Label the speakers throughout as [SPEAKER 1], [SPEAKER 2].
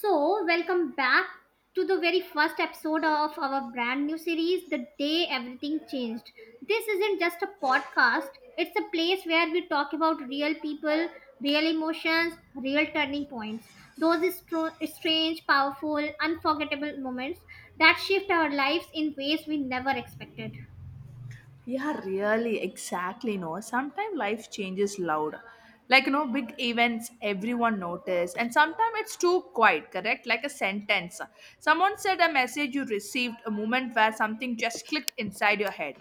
[SPEAKER 1] So, welcome back to the very first episode of our brand new series, The Day Everything Changed. This isn't just a podcast, it's a place where we talk about real people, real emotions, real turning points. Those strange, powerful, unforgettable moments that shift our lives in ways we never expected.
[SPEAKER 2] Yeah, really, exactly. No, sometimes life changes loud, big events everyone notice, and sometimes it's too quiet. Correct, like a sentence. Someone said a message you received, a moment where something just clicked inside your head.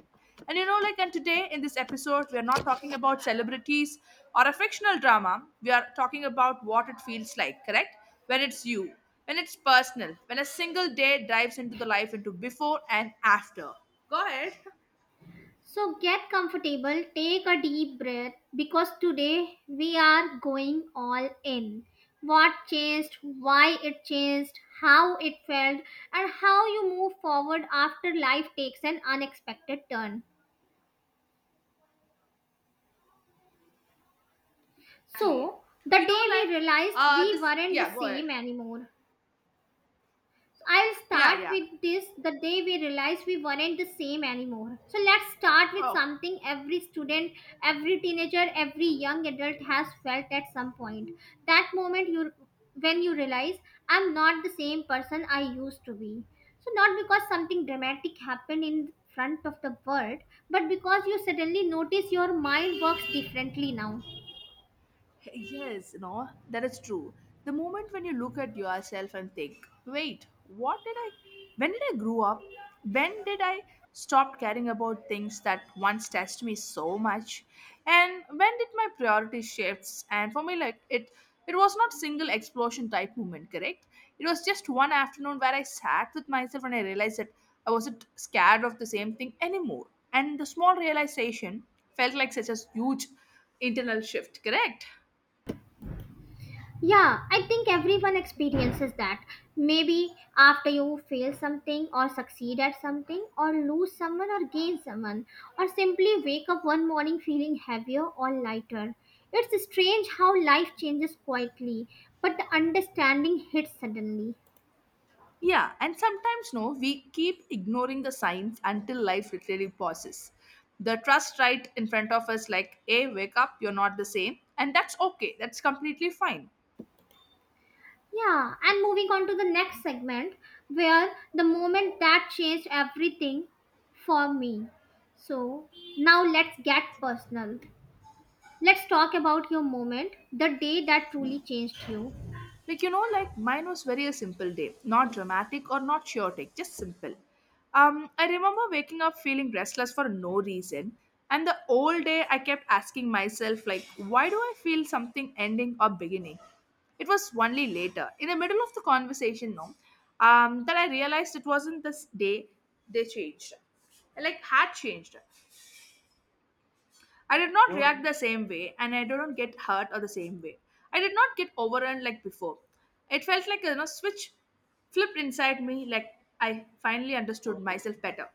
[SPEAKER 2] And today in this episode, we are not talking about celebrities or a fictional drama. We are talking about what it feels like, correct? When it's you, when it's personal, when a single day dives into the life into before and after. Go ahead.
[SPEAKER 1] So get comfortable, take a deep breath because today we are going all in. What changed, why it changed, how it felt, and how you move forward after life takes an unexpected turn.
[SPEAKER 2] Exactly.
[SPEAKER 1] So, the day
[SPEAKER 2] You know, like
[SPEAKER 1] we realized we
[SPEAKER 2] this
[SPEAKER 1] weren't the
[SPEAKER 2] yeah, go ahead.
[SPEAKER 1] same anymore. I'll
[SPEAKER 2] Yeah,
[SPEAKER 1] start
[SPEAKER 2] yeah.
[SPEAKER 1] with this, the day we realized we weren't the same anymore. So let's start with
[SPEAKER 2] Okay.
[SPEAKER 1] something every student, every teenager, every young adult has felt at some point. That moment you when you realize I'm not the same person I used to be. So not because something dramatic happened in front of the world, but because you suddenly notice your mind works differently now.
[SPEAKER 2] Yes, no, that is true. The moment when you look at yourself and think, wait, when did I grow up? When did I stop caring about things that once touched me so much? And when did my priority shifts? And for me, it was not single explosion type movement, correct? It was just one afternoon where I sat with myself and I realized that I wasn't scared of the same thing anymore. And the small realization felt like such a huge internal shift, correct?
[SPEAKER 1] Yeah, I think everyone experiences that. Maybe after you fail something, or succeed at something, or lose someone, or gain someone, or simply wake up one morning feeling heavier or lighter. It's strange how life changes quietly, but the understanding hits suddenly.
[SPEAKER 2] Yeah, and sometimes no, we keep ignoring the signs until life literally pauses. The trust right in front of us, like, hey, wake up, you're not the same. And that's okay, that's completely fine.
[SPEAKER 1] Yeah, and moving on to the next segment where the moment that changed everything for me. So now let's get personal. Let's talk about your moment, the day that truly changed you.
[SPEAKER 2] Like mine was very a simple day, not dramatic or not chaotic, just simple. I remember waking up feeling restless for no reason, and the whole day I kept asking myself, like, why do I feel something ending or beginning? It was only later in the middle of the conversation, no, that I realized it wasn't this day they changed, like, had changed. I did not You react the same way, and I didn't get hurt or the same way. I did not get overrun like before. It felt like a, switch flipped inside me, like I finally understood myself better.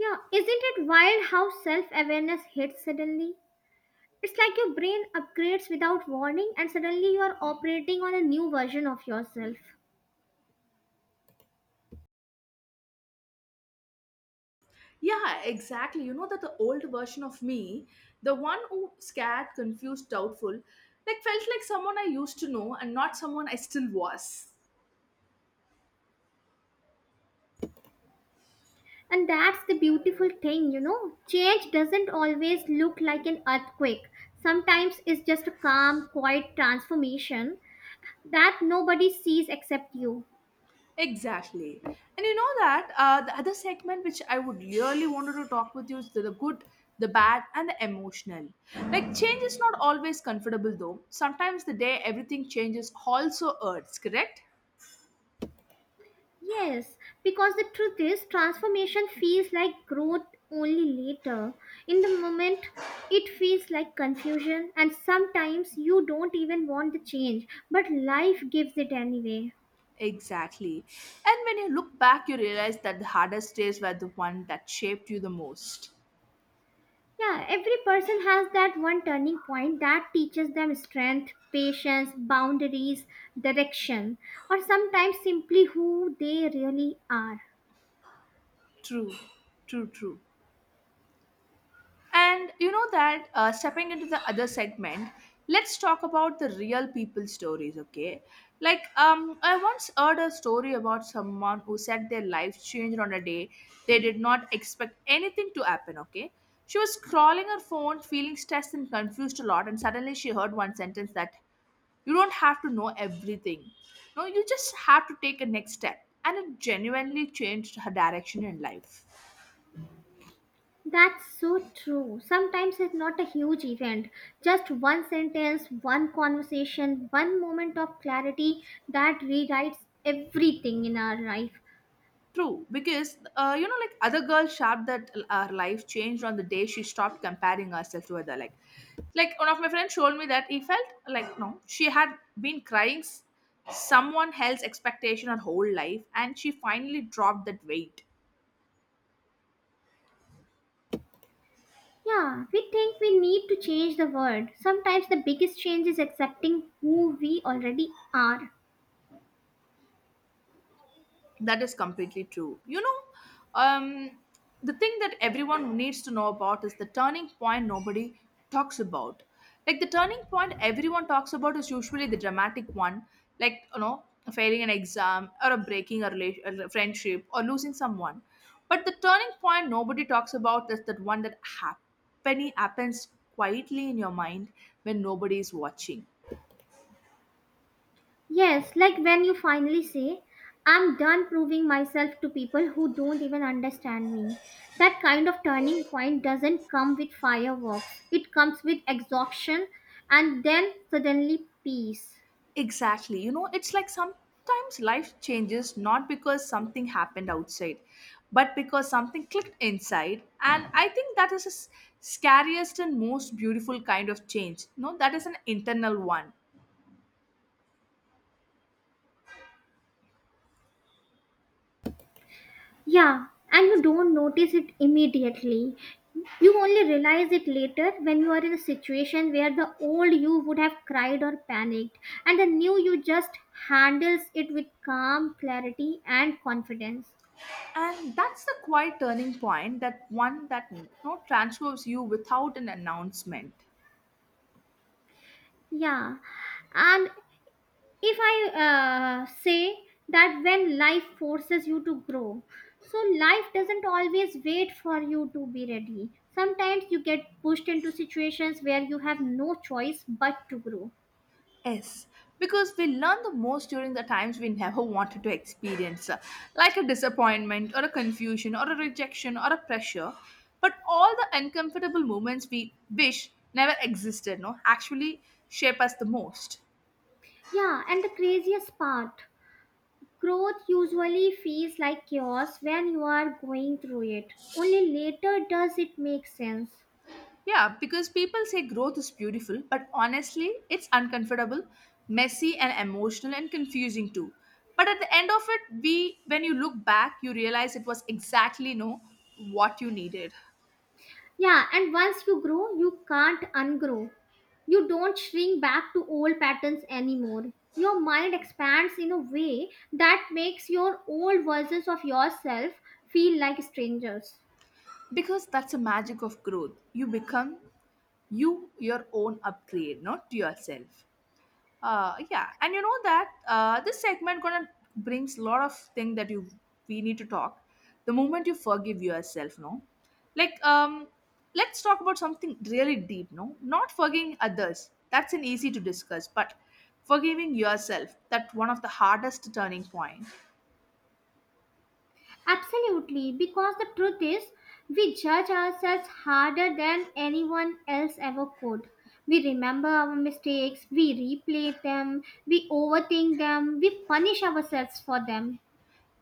[SPEAKER 1] Yeah, isn't it wild how self awareness hits suddenly? It's like your brain upgrades without warning, and suddenly you are operating on a new version of yourself.
[SPEAKER 2] Yeah, exactly. You know that the old version of me, the one who scared, confused, doubtful, like felt like someone I used to know and not someone I still was.
[SPEAKER 1] And that's the beautiful thing, you know. Change doesn't always look like an earthquake, sometimes it's just a calm, quiet transformation that nobody sees except you.
[SPEAKER 2] Exactly. And you know that the other segment which I would really wanted to talk with you is the good, the bad, and the emotional. Like, change is not always comfortable though. Sometimes the day everything changes also hurts, correct?
[SPEAKER 1] Yes, because the truth is, transformation feels like growth only later. In the moment, it feels like confusion, and sometimes you don't even want the change, but life gives it anyway.
[SPEAKER 2] Exactly. And when you look back, you realize that the hardest days were the one that shaped you the most.
[SPEAKER 1] Yeah, every person has that one turning point that teaches them strength, patience, boundaries, direction, or sometimes simply who they really are.
[SPEAKER 2] True, true. And you know that stepping into the other segment, let's talk about the real people stories, okay? Like, I once heard a story about someone who said their life changed on a day they did not expect anything to happen, okay? She was scrolling her phone, feeling stressed and confused a lot, and suddenly she heard one sentence that you don't have to know everything. No, you just have to take a next step. And it genuinely changed her direction in life.
[SPEAKER 1] That's so true. Sometimes it's not a huge event, just one sentence, one conversation, one moment of clarity that rewrites everything in our life.
[SPEAKER 2] True, because other girls shout that her life changed on the day she stopped comparing herself to other. Like, one of my friends told me that he felt like no, she had been crying s- someone else's expectation her whole life, and she finally dropped that weight.
[SPEAKER 1] Yeah, we think we need to change the world. Sometimes the biggest change is accepting who we already are.
[SPEAKER 2] That is completely true. You know, um, the thing that everyone needs to know about is the turning point nobody talks about. Like the turning point everyone talks about is usually the dramatic one, like, failing an exam or a breaking a, relation, a friendship or losing someone. But the turning point nobody talks about is that one that happens quietly in your mind when nobody is watching.
[SPEAKER 1] Yes, like when you finally say, I'm done proving myself to people who don't even understand me. That kind of turning point doesn't come with fireworks, it comes with exhaustion and then suddenly peace.
[SPEAKER 2] Exactly. You know, it's like sometimes life changes not because something happened outside, but because something clicked inside. And I think that is scariest and most beautiful kind of change. No, that is an internal one.
[SPEAKER 1] Yeah, and you don't notice it immediately. You only realize it later when you are in a situation where the old you would have cried or panicked, and the new you just handles it with calm, clarity, and confidence.
[SPEAKER 2] And that's the quiet turning point, that one that no transforms you without an announcement.
[SPEAKER 1] Yeah, and if I say that when life forces you to grow, so life doesn't always wait for you to be ready. Sometimes you get pushed into situations where you have no choice but to grow.
[SPEAKER 2] Yes, because we learn the most during the times we never wanted to experience, like a disappointment or a confusion or a rejection or a pressure. But all the uncomfortable moments we wish never existed, no, actually shape us the most.
[SPEAKER 1] Yeah, and the craziest part, growth usually feels like chaos when you are going through it. Only later does it make sense.
[SPEAKER 2] Yeah, because people say growth is beautiful, but honestly, it's uncomfortable, messy, and emotional and confusing too. But at the end of it, we when you look back, you realize it was exactly no what you needed.
[SPEAKER 1] Yeah, and once you grow, you can't ungrow. You don't shrink back to old patterns anymore. Your mind expands in a way that makes your old versions of yourself feel like strangers.
[SPEAKER 2] Because that's the magic of growth, you become you, your own upgrade, not yourself. Yeah, and you know that this segment gonna brings a lot of thing that you we need to talk. The moment you forgive yourself, no, like, let's talk about something really deep, no, not forgiving others, that's an easy to discuss, but forgiving yourself. That one of the hardest turning point.
[SPEAKER 1] Absolutely, because the truth is, we judge ourselves harder than anyone else ever could. We remember our mistakes, we replay them, we overthink them, we punish ourselves for them.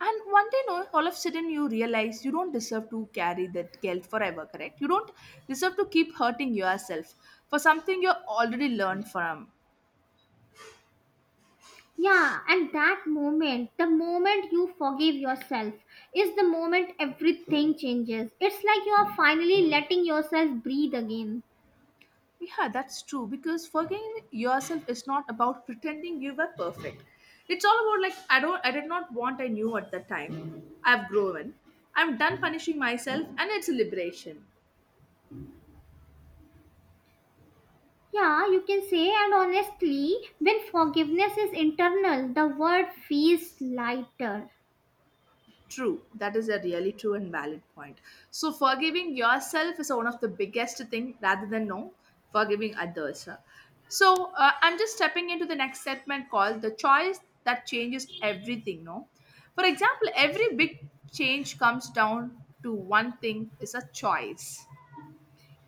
[SPEAKER 2] And one day, no, all of a sudden, you realize you don't deserve to carry that guilt forever, correct? You don't deserve to keep hurting yourself for something you already learned from.
[SPEAKER 1] Yeah, and that moment, the moment you forgive yourself, is the moment everything changes. It's like you are finally letting yourself breathe again.
[SPEAKER 2] Yeah, that's true because forgiving yourself is not about pretending you were perfect. It's all about like I did not want I knew at that time. I've grown. I'm done punishing myself, and it's a liberation.
[SPEAKER 1] Yeah, you can say, and honestly, when forgiveness is internal, the word feels lighter.
[SPEAKER 2] True. That is a really true and valid point. So forgiving yourself is one of the biggest thing rather than no forgiving others. So I'm just stepping into the next segment called the choice that changes everything. No, for example, every big change comes down to one thing is a choice.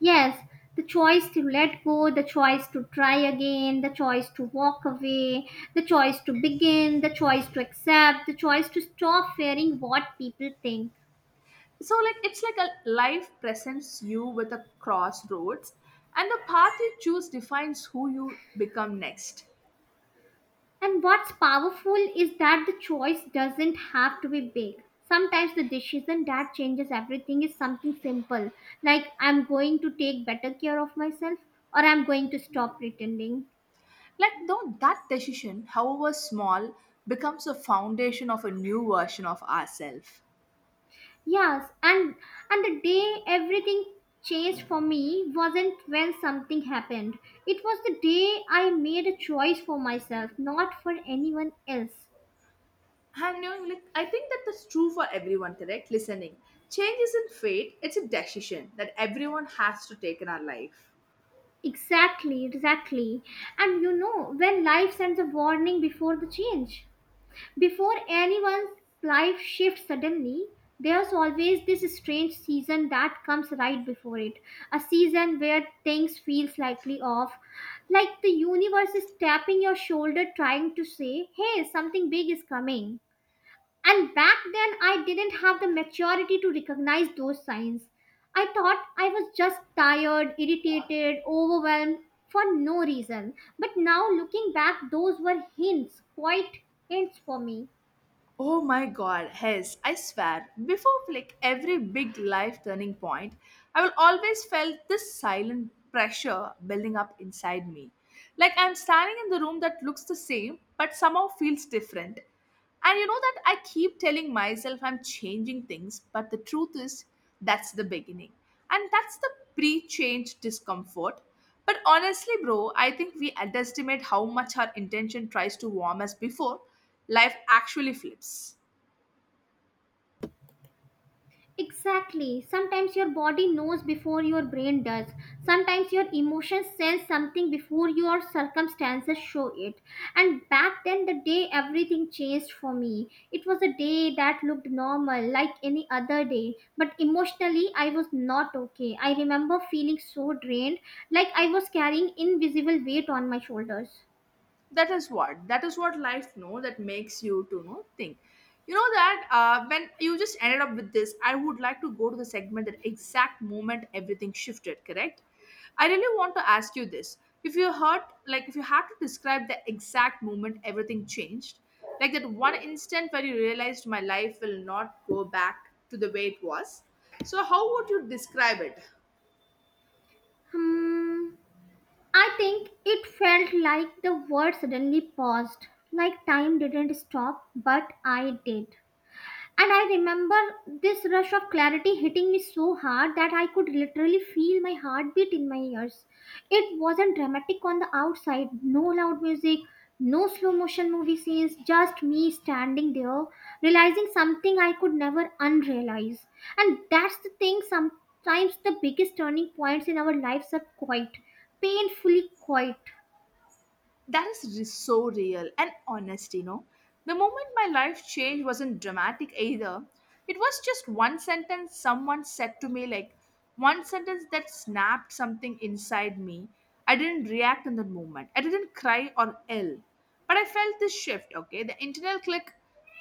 [SPEAKER 1] Yes, the choice to let go, the choice to try again, the choice to walk away, the choice to begin, the choice to accept, the choice to stop fearing what people think.
[SPEAKER 2] So like it's like a life presents you with a crossroads, and the path you choose defines who you become next.
[SPEAKER 1] And what's powerful is that the choice doesn't have to be big. Sometimes the decision that changes everything is something simple, like I'm going to take better care of myself or I'm going to stop pretending.
[SPEAKER 2] Like though that decision, however small, becomes a foundation of a new version of ourselves.
[SPEAKER 1] Yes, and the day everything changed for me wasn't when something happened. It was the day I made a choice for myself, not for anyone else.
[SPEAKER 2] And you know, like, I think that's true for everyone, correct? Listening. Change isn't fate, it's a decision that everyone has to take in our life.
[SPEAKER 1] Exactly, exactly. And you know, when life sends a warning before the change. Before anyone's life shifts suddenly, there's always this strange season that comes right before it. A season where things feel slightly off, like the universe is tapping your shoulder trying to say, "Hey, something big is coming." And back then I didn't have the maturity to recognize those signs. I thought I was just tired, irritated, overwhelmed for no reason. But now looking back, those were hints, quite hints for me.
[SPEAKER 2] Oh my god, yes, I swear. Before like every big life turning point, I will always felt this silent pressure building up inside me. Like I'm standing in the room that looks the same but somehow feels different. And you know that I keep telling myself I'm changing things, but the truth is that's the beginning. And that's the pre-change discomfort. But honestly, bro, I think we underestimate how much our intention tries to warm us before life actually flips.
[SPEAKER 1] Exactly. Sometimes your body knows before your brain does. Sometimes your emotions sense something before your circumstances show it. And back then, the day everything changed for me. It was a day that looked normal, like any other day. But emotionally, I was not okay. I remember feeling so drained, like I was carrying invisible weight on my shoulders.
[SPEAKER 2] That is what life know that makes you to know think. You know that when you just ended up with this, I would like to go to the segment that exact moment everything shifted, correct? I really want to ask you this. If you heard, like, if you had to describe the exact moment everything changed, like that one instant where you realized my life will not go back to the way it was, so how would you describe it?
[SPEAKER 1] Hmm. I think it felt like the world suddenly paused, like time didn't stop, but I did. And I remember this rush of clarity hitting me so hard that I could literally feel my heartbeat in my ears. It wasn't dramatic on the outside, no loud music, no slow motion movie scenes, just me standing there, realizing something I could never unrealize. And that's the thing, sometimes the biggest turning points in our lives are quiet, painfully quiet.
[SPEAKER 2] So real and honest, you know. The moment my life changed wasn't dramatic either. It was just one sentence someone said to me, like one sentence that snapped something inside me. I didn't react in that moment. I didn't cry or yell. But I felt this shift, okay? The internal click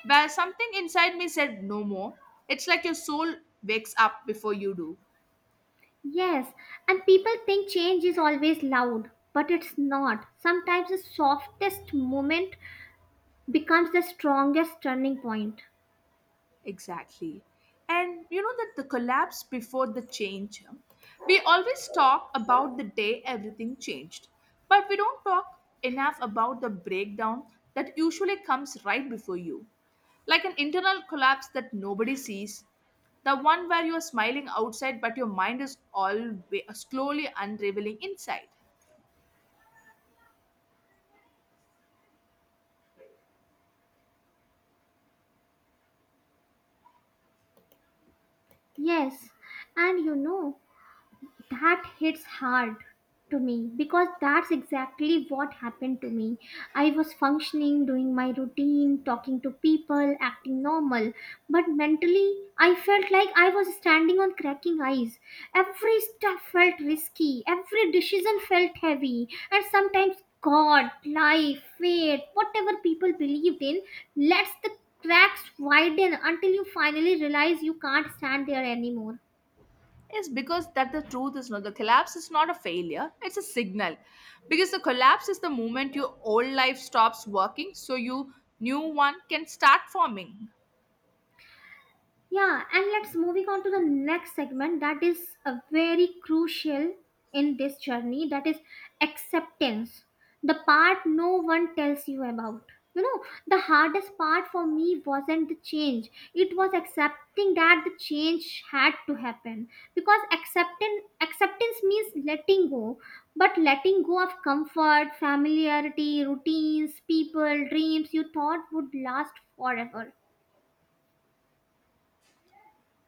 [SPEAKER 2] where something inside me said no more. It's like your soul wakes up before you do.
[SPEAKER 1] Yes, and people think change is always loud, but it's not. Sometimes the softest moment becomes the strongest turning point.
[SPEAKER 2] Exactly. And you know that the collapse before the change, we always talk about the day everything changed, but we don't talk enough about the breakdown that usually comes right before you. Like an internal collapse that nobody sees, the one where you're smiling outside but your mind is all slowly unraveling inside.
[SPEAKER 1] Yes, and you know, that hits hard to me because that's exactly what happened to me. I was functioning, doing my routine, talking to people, acting normal, but mentally I felt like I was standing on cracking ice. Every step felt risky, every decision felt heavy, and sometimes God, life, fate, whatever people believed in, lets the cracks widen until you finally realize you can't stand there anymore.
[SPEAKER 2] Is because that the truth is not the collapse is not a failure, it's a signal, because the collapse is the moment your old life stops working so you new one can start forming.
[SPEAKER 1] Yeah, and let's moving on to the next segment that is a very crucial in this journey, that is acceptance. The part no one tells you about. You know, the hardest part for me wasn't the change. It was accepting that the change had to happen, because acceptance means letting go, but letting go of comfort, familiarity, routines, people, dreams you thought would last forever.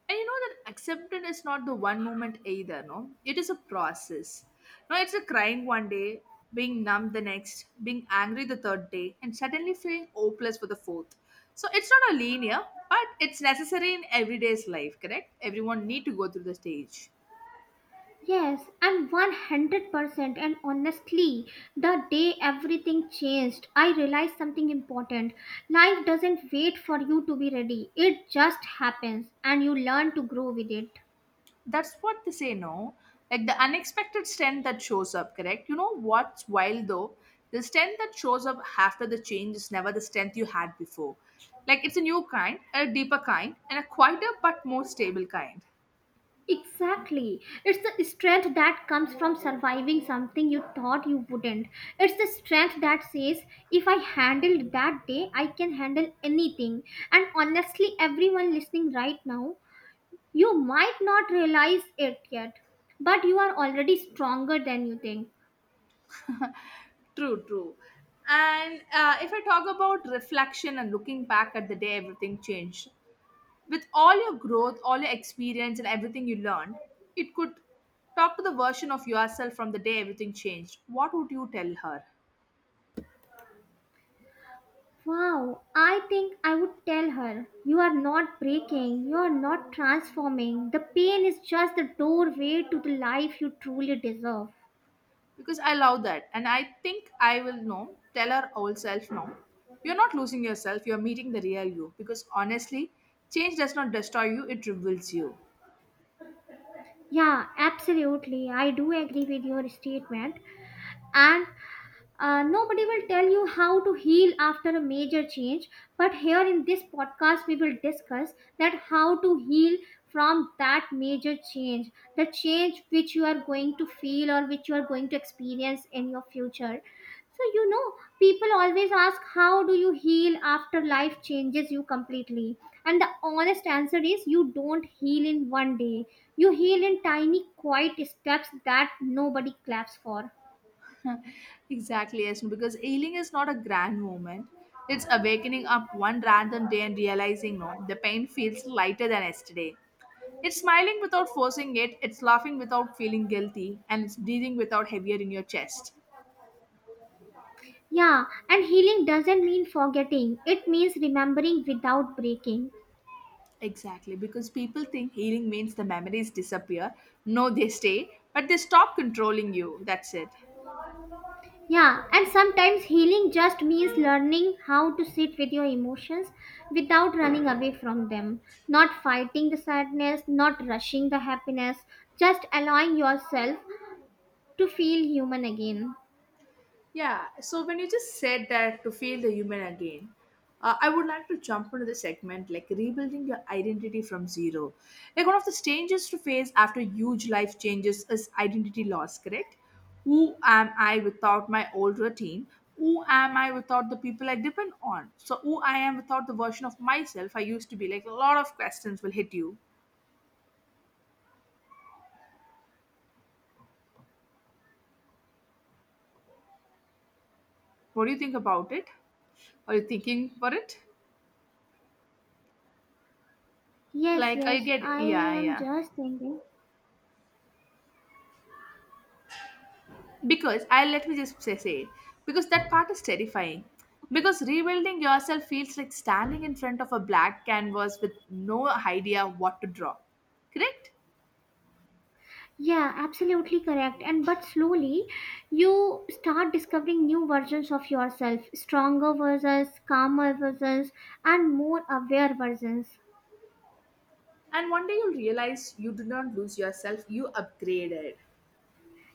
[SPEAKER 2] And you know that acceptance is not the one moment either, no, it is a process, no, it's a crying one day, being numb the next, being angry the third day and suddenly feeling hopeless for the fourth. So it's not a linear, but it's necessary in everyday's life, correct? Everyone need to go through the stage.
[SPEAKER 1] Yes, and 100%. And honestly, the day everything changed, I realized something important. Life doesn't wait for you to be ready, it just happens, and you learn to grow with it.
[SPEAKER 2] That's what they say, no, like the unexpected strength that shows up, correct? You know what's wild though, the strength that shows up after the change is never the strength you had before. Like it's a new kind, a deeper kind, and a quieter but more stable kind.
[SPEAKER 1] Exactly. It's the strength that comes from surviving something you thought you wouldn't. It's the strength that says, if I handled that day, I can handle anything. And honestly, everyone listening right now, you might not realize it yet, but you are already stronger than you think.
[SPEAKER 2] True. And if I talk about reflection and looking back at the day everything changed, with all your growth, all your experience, and everything you learned, it could talk to the version of yourself from the day everything changed. What would you tell her?
[SPEAKER 1] Wow, I think I would tell her, you are not breaking, you are not transforming. The pain is just the doorway to the life you truly deserve.
[SPEAKER 2] Because I love that. And I think I will know, tell our old self now. You're not losing yourself, you're meeting the real you. Because honestly, change does not destroy you, it reveals you.
[SPEAKER 1] Yeah, absolutely. I do agree with your statement. And nobody will tell you how to heal after a major change, but here in this podcast, we will discuss that how to heal from that major change, the change which you are going to feel or which you are going to experience in your future. So, you know, people always ask, how do you heal after life changes you completely? And the honest answer is, you don't heal in one day. You heal in tiny, quiet steps that nobody claps for.
[SPEAKER 2] exactly, yes. Because healing is not a grand moment. It's awakening up one random day and realizing, no, the pain feels lighter than yesterday. It's smiling without forcing it, it's laughing without feeling guilty, and it's breathing without heavier in your chest.
[SPEAKER 1] Yeah, and healing doesn't mean forgetting, it means remembering without breaking.
[SPEAKER 2] Exactly, because people think healing means the memories disappear. No, they stay, but they stop controlling you. That's it.
[SPEAKER 1] Yeah, and sometimes healing just means learning how to sit with your emotions without running away from them, not fighting the sadness, not rushing the happiness, just allowing yourself to feel human again.
[SPEAKER 2] Yeah, so when you just said that to feel the human again, I would like to jump into the segment like rebuilding your identity from zero. Like one of the strangest to face after huge life changes is identity loss, correct? Who am I without my old routine? Who am I without the people I depend on? So, who I am without the version of myself I used to be? Like a lot of questions will hit you. What do you think about it? Are you thinking for it?
[SPEAKER 1] Yes,
[SPEAKER 2] Like I
[SPEAKER 1] yes,
[SPEAKER 2] get,
[SPEAKER 1] I
[SPEAKER 2] yeah,
[SPEAKER 1] am
[SPEAKER 2] yeah.
[SPEAKER 1] just thinking.
[SPEAKER 2] Because I let me just say because that part is terrifying.
[SPEAKER 1] Okay.
[SPEAKER 2] Because rebuilding yourself feels like standing in front of a black canvas with no idea what to draw. Correct?
[SPEAKER 1] Yeah, absolutely correct. And but slowly you start discovering new versions of yourself, stronger versions, calmer versions, and more aware versions.
[SPEAKER 2] And one day you'll realize you did not lose yourself, you upgraded.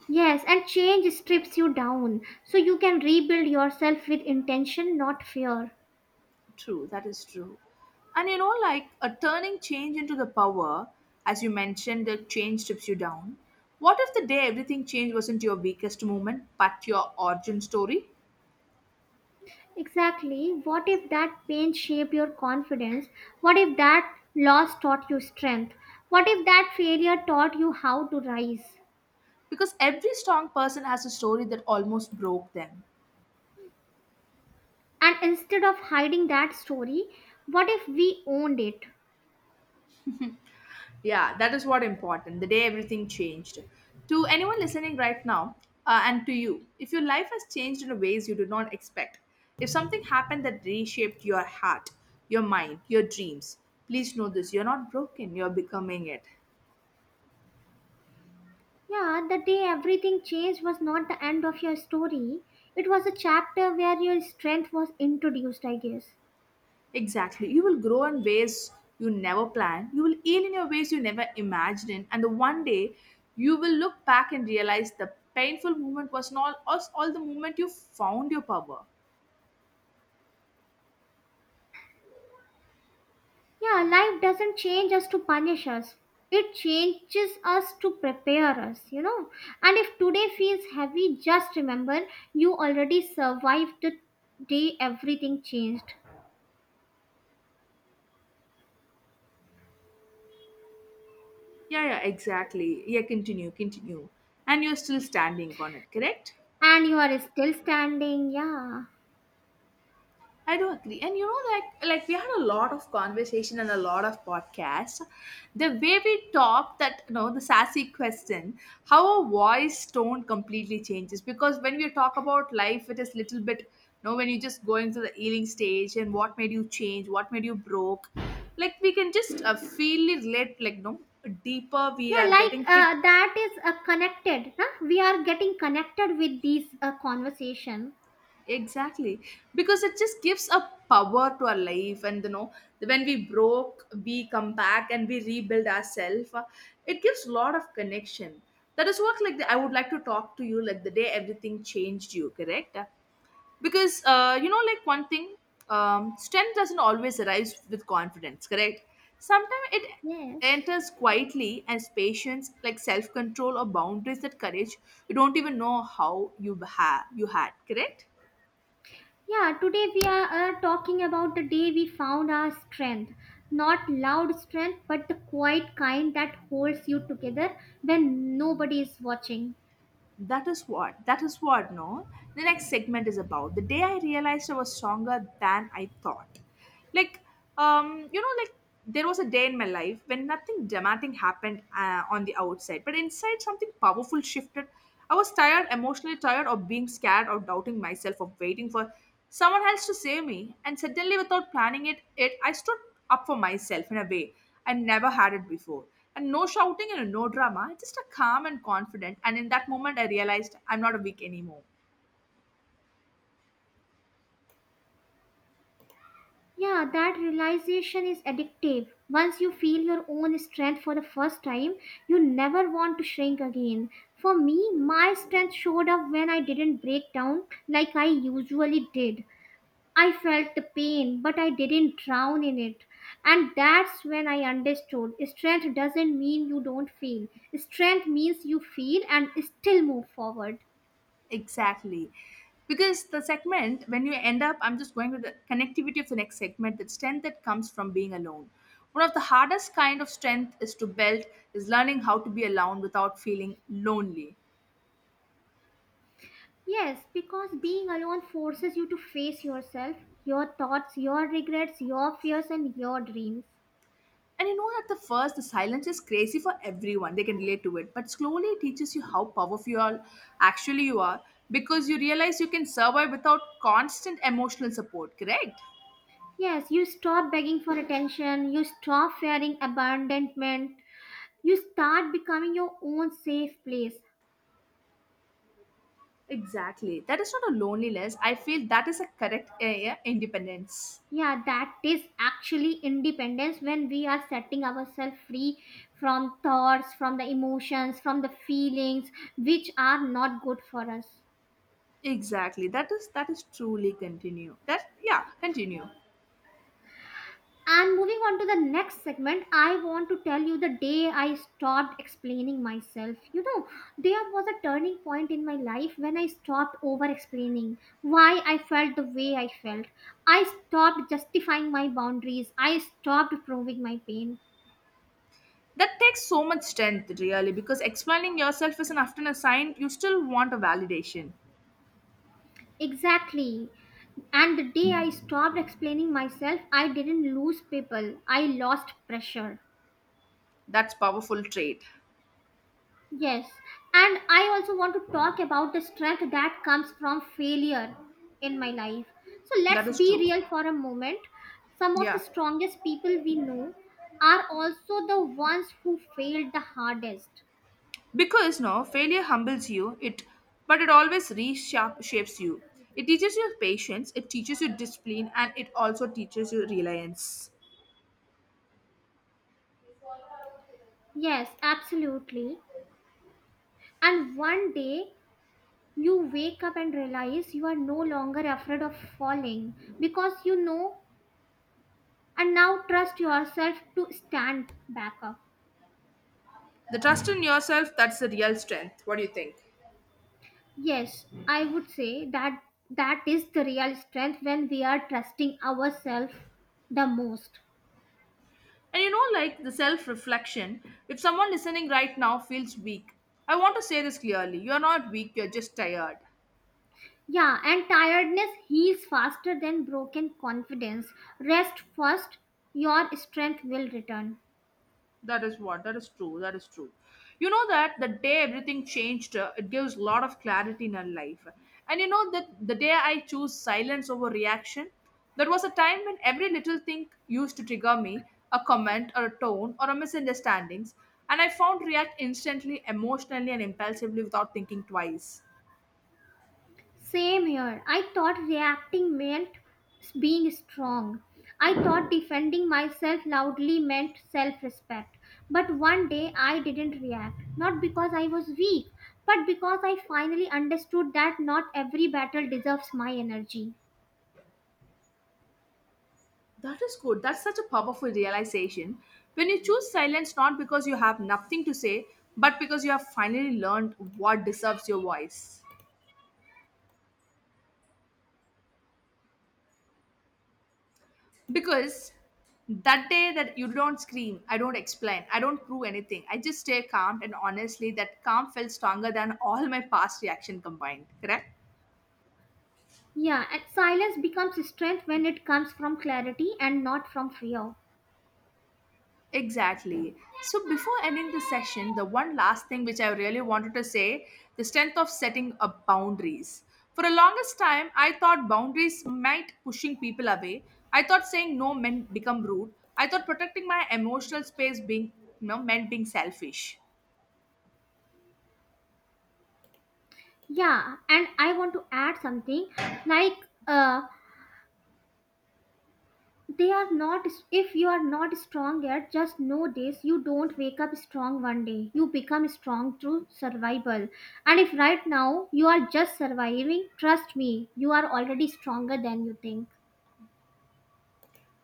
[SPEAKER 1] Yes, and change strips you down so you can rebuild yourself with intention, not fear.
[SPEAKER 2] True, that is true. And you know, like a turning change into the power, as you mentioned, the change trips you down. What if the day everything changed wasn't your weakest moment, but your origin story?
[SPEAKER 1] Exactly. What if that pain shaped your confidence? What if that loss taught you strength? What if that failure taught you how to rise?
[SPEAKER 2] Because every strong person has a story that almost broke them.
[SPEAKER 1] And instead of hiding that story, what if we owned it?
[SPEAKER 2] Yeah, that is what important. The day everything changed. To anyone listening right now, and to you, if your life has changed in ways you did not expect, if something happened that reshaped your heart, your mind, your dreams, please know this: you're not broken. You're becoming it.
[SPEAKER 1] Yeah, the day everything changed was not the end of your story. It was a chapter where your strength was introduced, I guess.
[SPEAKER 2] Exactly. You will grow in ways you never planned. You will heal in your ways you never imagined, in, and the one day you will look back and realize the painful moment was not all the moment you found your power.
[SPEAKER 1] Yeah, life doesn't change us to punish us. It changes us to prepare us, you know. And if today feels heavy, just remember you already survived the day everything changed.
[SPEAKER 2] Yeah, yeah, exactly. Yeah, continue, continue. And you're still standing on it, correct?
[SPEAKER 1] And you are still standing, yeah.
[SPEAKER 2] I do agree. And you know, like we had a lot of conversation and a lot of podcasts. The way we talk, that you know, the sassy question, how our voice tone completely changes. Because when we talk about life, it is little bit, you know, when you're just going through the healing stage and what made you change, what made you broke, like we can just feel it, like no deeper we
[SPEAKER 1] Yeah,
[SPEAKER 2] are
[SPEAKER 1] like
[SPEAKER 2] getting hit.
[SPEAKER 1] that is connected, huh? We are getting connected with these conversation.
[SPEAKER 2] Exactly. Because it just gives a power to our life. And, you know, when we broke, we come back and we rebuild ourselves. It gives a lot of connection. That is what, like, the, I would like to talk to you, like, the day everything changed you, correct? Because, you know, like, one thing, strength doesn't always arise with confidence, correct? Sometimes it
[SPEAKER 1] Yes.
[SPEAKER 2] enters quietly as patience, like self control or boundaries that courage you don't even know how you, you had, correct?
[SPEAKER 1] Yeah, today we are talking about the day we found our strength, not loud strength but the quiet kind that holds you together when nobody is watching.
[SPEAKER 2] That is what, no? The next segment is about the day I realized I was stronger than I thought, like, you know, like, there was a day in my life when nothing dramatic happened on the outside, but inside something powerful shifted. I was tired, emotionally tired of being scared, of doubting myself, of waiting for someone else to save me, and suddenly, without planning it, I stood up for myself in a way I never had it before. And no shouting and no drama, just a calm and confident, and in that moment I realized I'm not a weak anymore.
[SPEAKER 1] Yeah, that realization is addictive. Once you feel your own strength for the first time, you never want to shrink again. For me, my strength showed up when I didn't break down like I usually did. I felt the pain, but I didn't drown in it. And that's when I understood strength doesn't mean you don't feel, strength means you feel and still move forward.
[SPEAKER 2] Exactly. Because the segment, when you end up, I'm just going with the connectivity of the next segment, the strength that comes from being alone. One of the hardest kind of strength is to build is learning how to be alone without feeling lonely.
[SPEAKER 1] Yes, because being alone forces you to face yourself, your thoughts, your regrets, your fears, and your dreams.
[SPEAKER 2] And you know at the first the silence is crazy for everyone. They can relate to it. But slowly it teaches you how powerful you are, actually you are, because you realize you can survive without constant emotional support, correct?
[SPEAKER 1] Yes, you stop begging for attention, you stop fearing abandonment, you start becoming your own safe place.
[SPEAKER 2] Exactly. That is not a loneliness. I feel that is a correct yeah, independence.
[SPEAKER 1] Yeah, that is actually independence when we are setting ourselves free from thoughts, from the emotions, from the feelings which are not good for us.
[SPEAKER 2] Exactly. That is truly continue. That yeah, continue.
[SPEAKER 1] And moving on to the next segment, I want to tell you the day I stopped explaining myself. You know, there was a turning point in my life when I stopped over explaining why I felt the way I felt. I stopped justifying my boundaries, I stopped proving my pain.
[SPEAKER 2] That takes so much strength really, because explaining yourself is an often a sign you still want a validation.
[SPEAKER 1] Exactly. And the day I stopped explaining myself, I didn't lose people, I lost pressure.
[SPEAKER 2] That's powerful trait.
[SPEAKER 1] Yes, and I also want to talk about the strength that comes from failure in my life. So
[SPEAKER 2] That
[SPEAKER 1] let's
[SPEAKER 2] is
[SPEAKER 1] be
[SPEAKER 2] true.
[SPEAKER 1] real for a moment. Some of the
[SPEAKER 2] Yeah.
[SPEAKER 1] strongest people we know are also the ones who failed the hardest.
[SPEAKER 2] Because no, failure humbles you, it but it always reshapes you. It teaches you patience, it teaches you discipline, and it also teaches you reliance.
[SPEAKER 1] Yes, absolutely. And one day you wake up and realize you are no longer afraid of falling because you know and now trust yourself to stand back up.
[SPEAKER 2] The trust in yourself, that's the real strength. What do you think?
[SPEAKER 1] Yes, I would say that that is the real strength when we are trusting ourselves the most.
[SPEAKER 2] And you know, like the self reflection, if someone listening right now feels weak, I want to say this clearly, you're not weak, you're just tired.
[SPEAKER 1] Yeah, and tiredness heals faster than broken confidence. Rest first, your strength will return.
[SPEAKER 2] That is what, that is true, that is true. You know that the day everything changed, it gives a lot of clarity in our life. And you know that the day I choose silence over reaction, there was a time when every little thing used to trigger me, a comment or a tone or a misunderstandings, and I found react instantly, emotionally and impulsively, without thinking twice.
[SPEAKER 1] Same here. I thought reacting meant being strong. I thought defending myself loudly meant self respect. But one day I didn't react. Not because I was weak, but because I finally understood that not every battle deserves my energy.
[SPEAKER 2] That is good. That's such a powerful realization. When you choose silence, not because you have nothing to say, but because you have finally learned what deserves your voice. Because that day that you don't scream, I don't explain, I don't prove anything, I just stay calm, and honestly, that calm felt stronger than all my past reaction combined. Correct?
[SPEAKER 1] Yeah, and silence becomes strength when it comes from clarity and not from fear.
[SPEAKER 2] Exactly. So before ending the session, the one last thing which I really wanted to say, the strength of setting up boundaries. For the longest time, I thought boundaries might pushing people away. I thought saying no meant become rude. I thought protecting my emotional space being, you know, meant being selfish.
[SPEAKER 1] Yeah, and I want to add something like uh, they are not, if you are not strong yet just know this, you don't wake up strong one day, you become strong through survival, and if right now you are just surviving, trust me, you are already stronger than you think.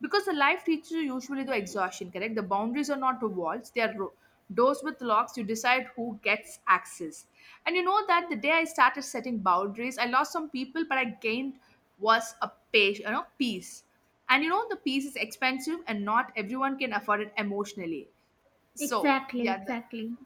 [SPEAKER 2] Because the life teaches you usually the exhaustion, correct, the boundaries are not walls, they are doors with locks, you decide who gets access. And you know that the day I started setting boundaries, I lost some people, but I gained was a page, you know, peace. And you know the peace is expensive and not everyone can afford it emotionally, so
[SPEAKER 1] Exactly,
[SPEAKER 2] yeah.
[SPEAKER 1] exactly.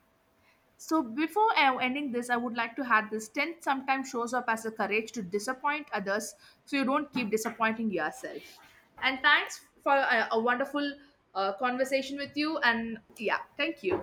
[SPEAKER 2] So before ending this, I would like to add this. Strength sometimes shows up as a courage to disappoint others, so you don't keep disappointing yourself. And thanks for a wonderful conversation with you. And yeah, thank you.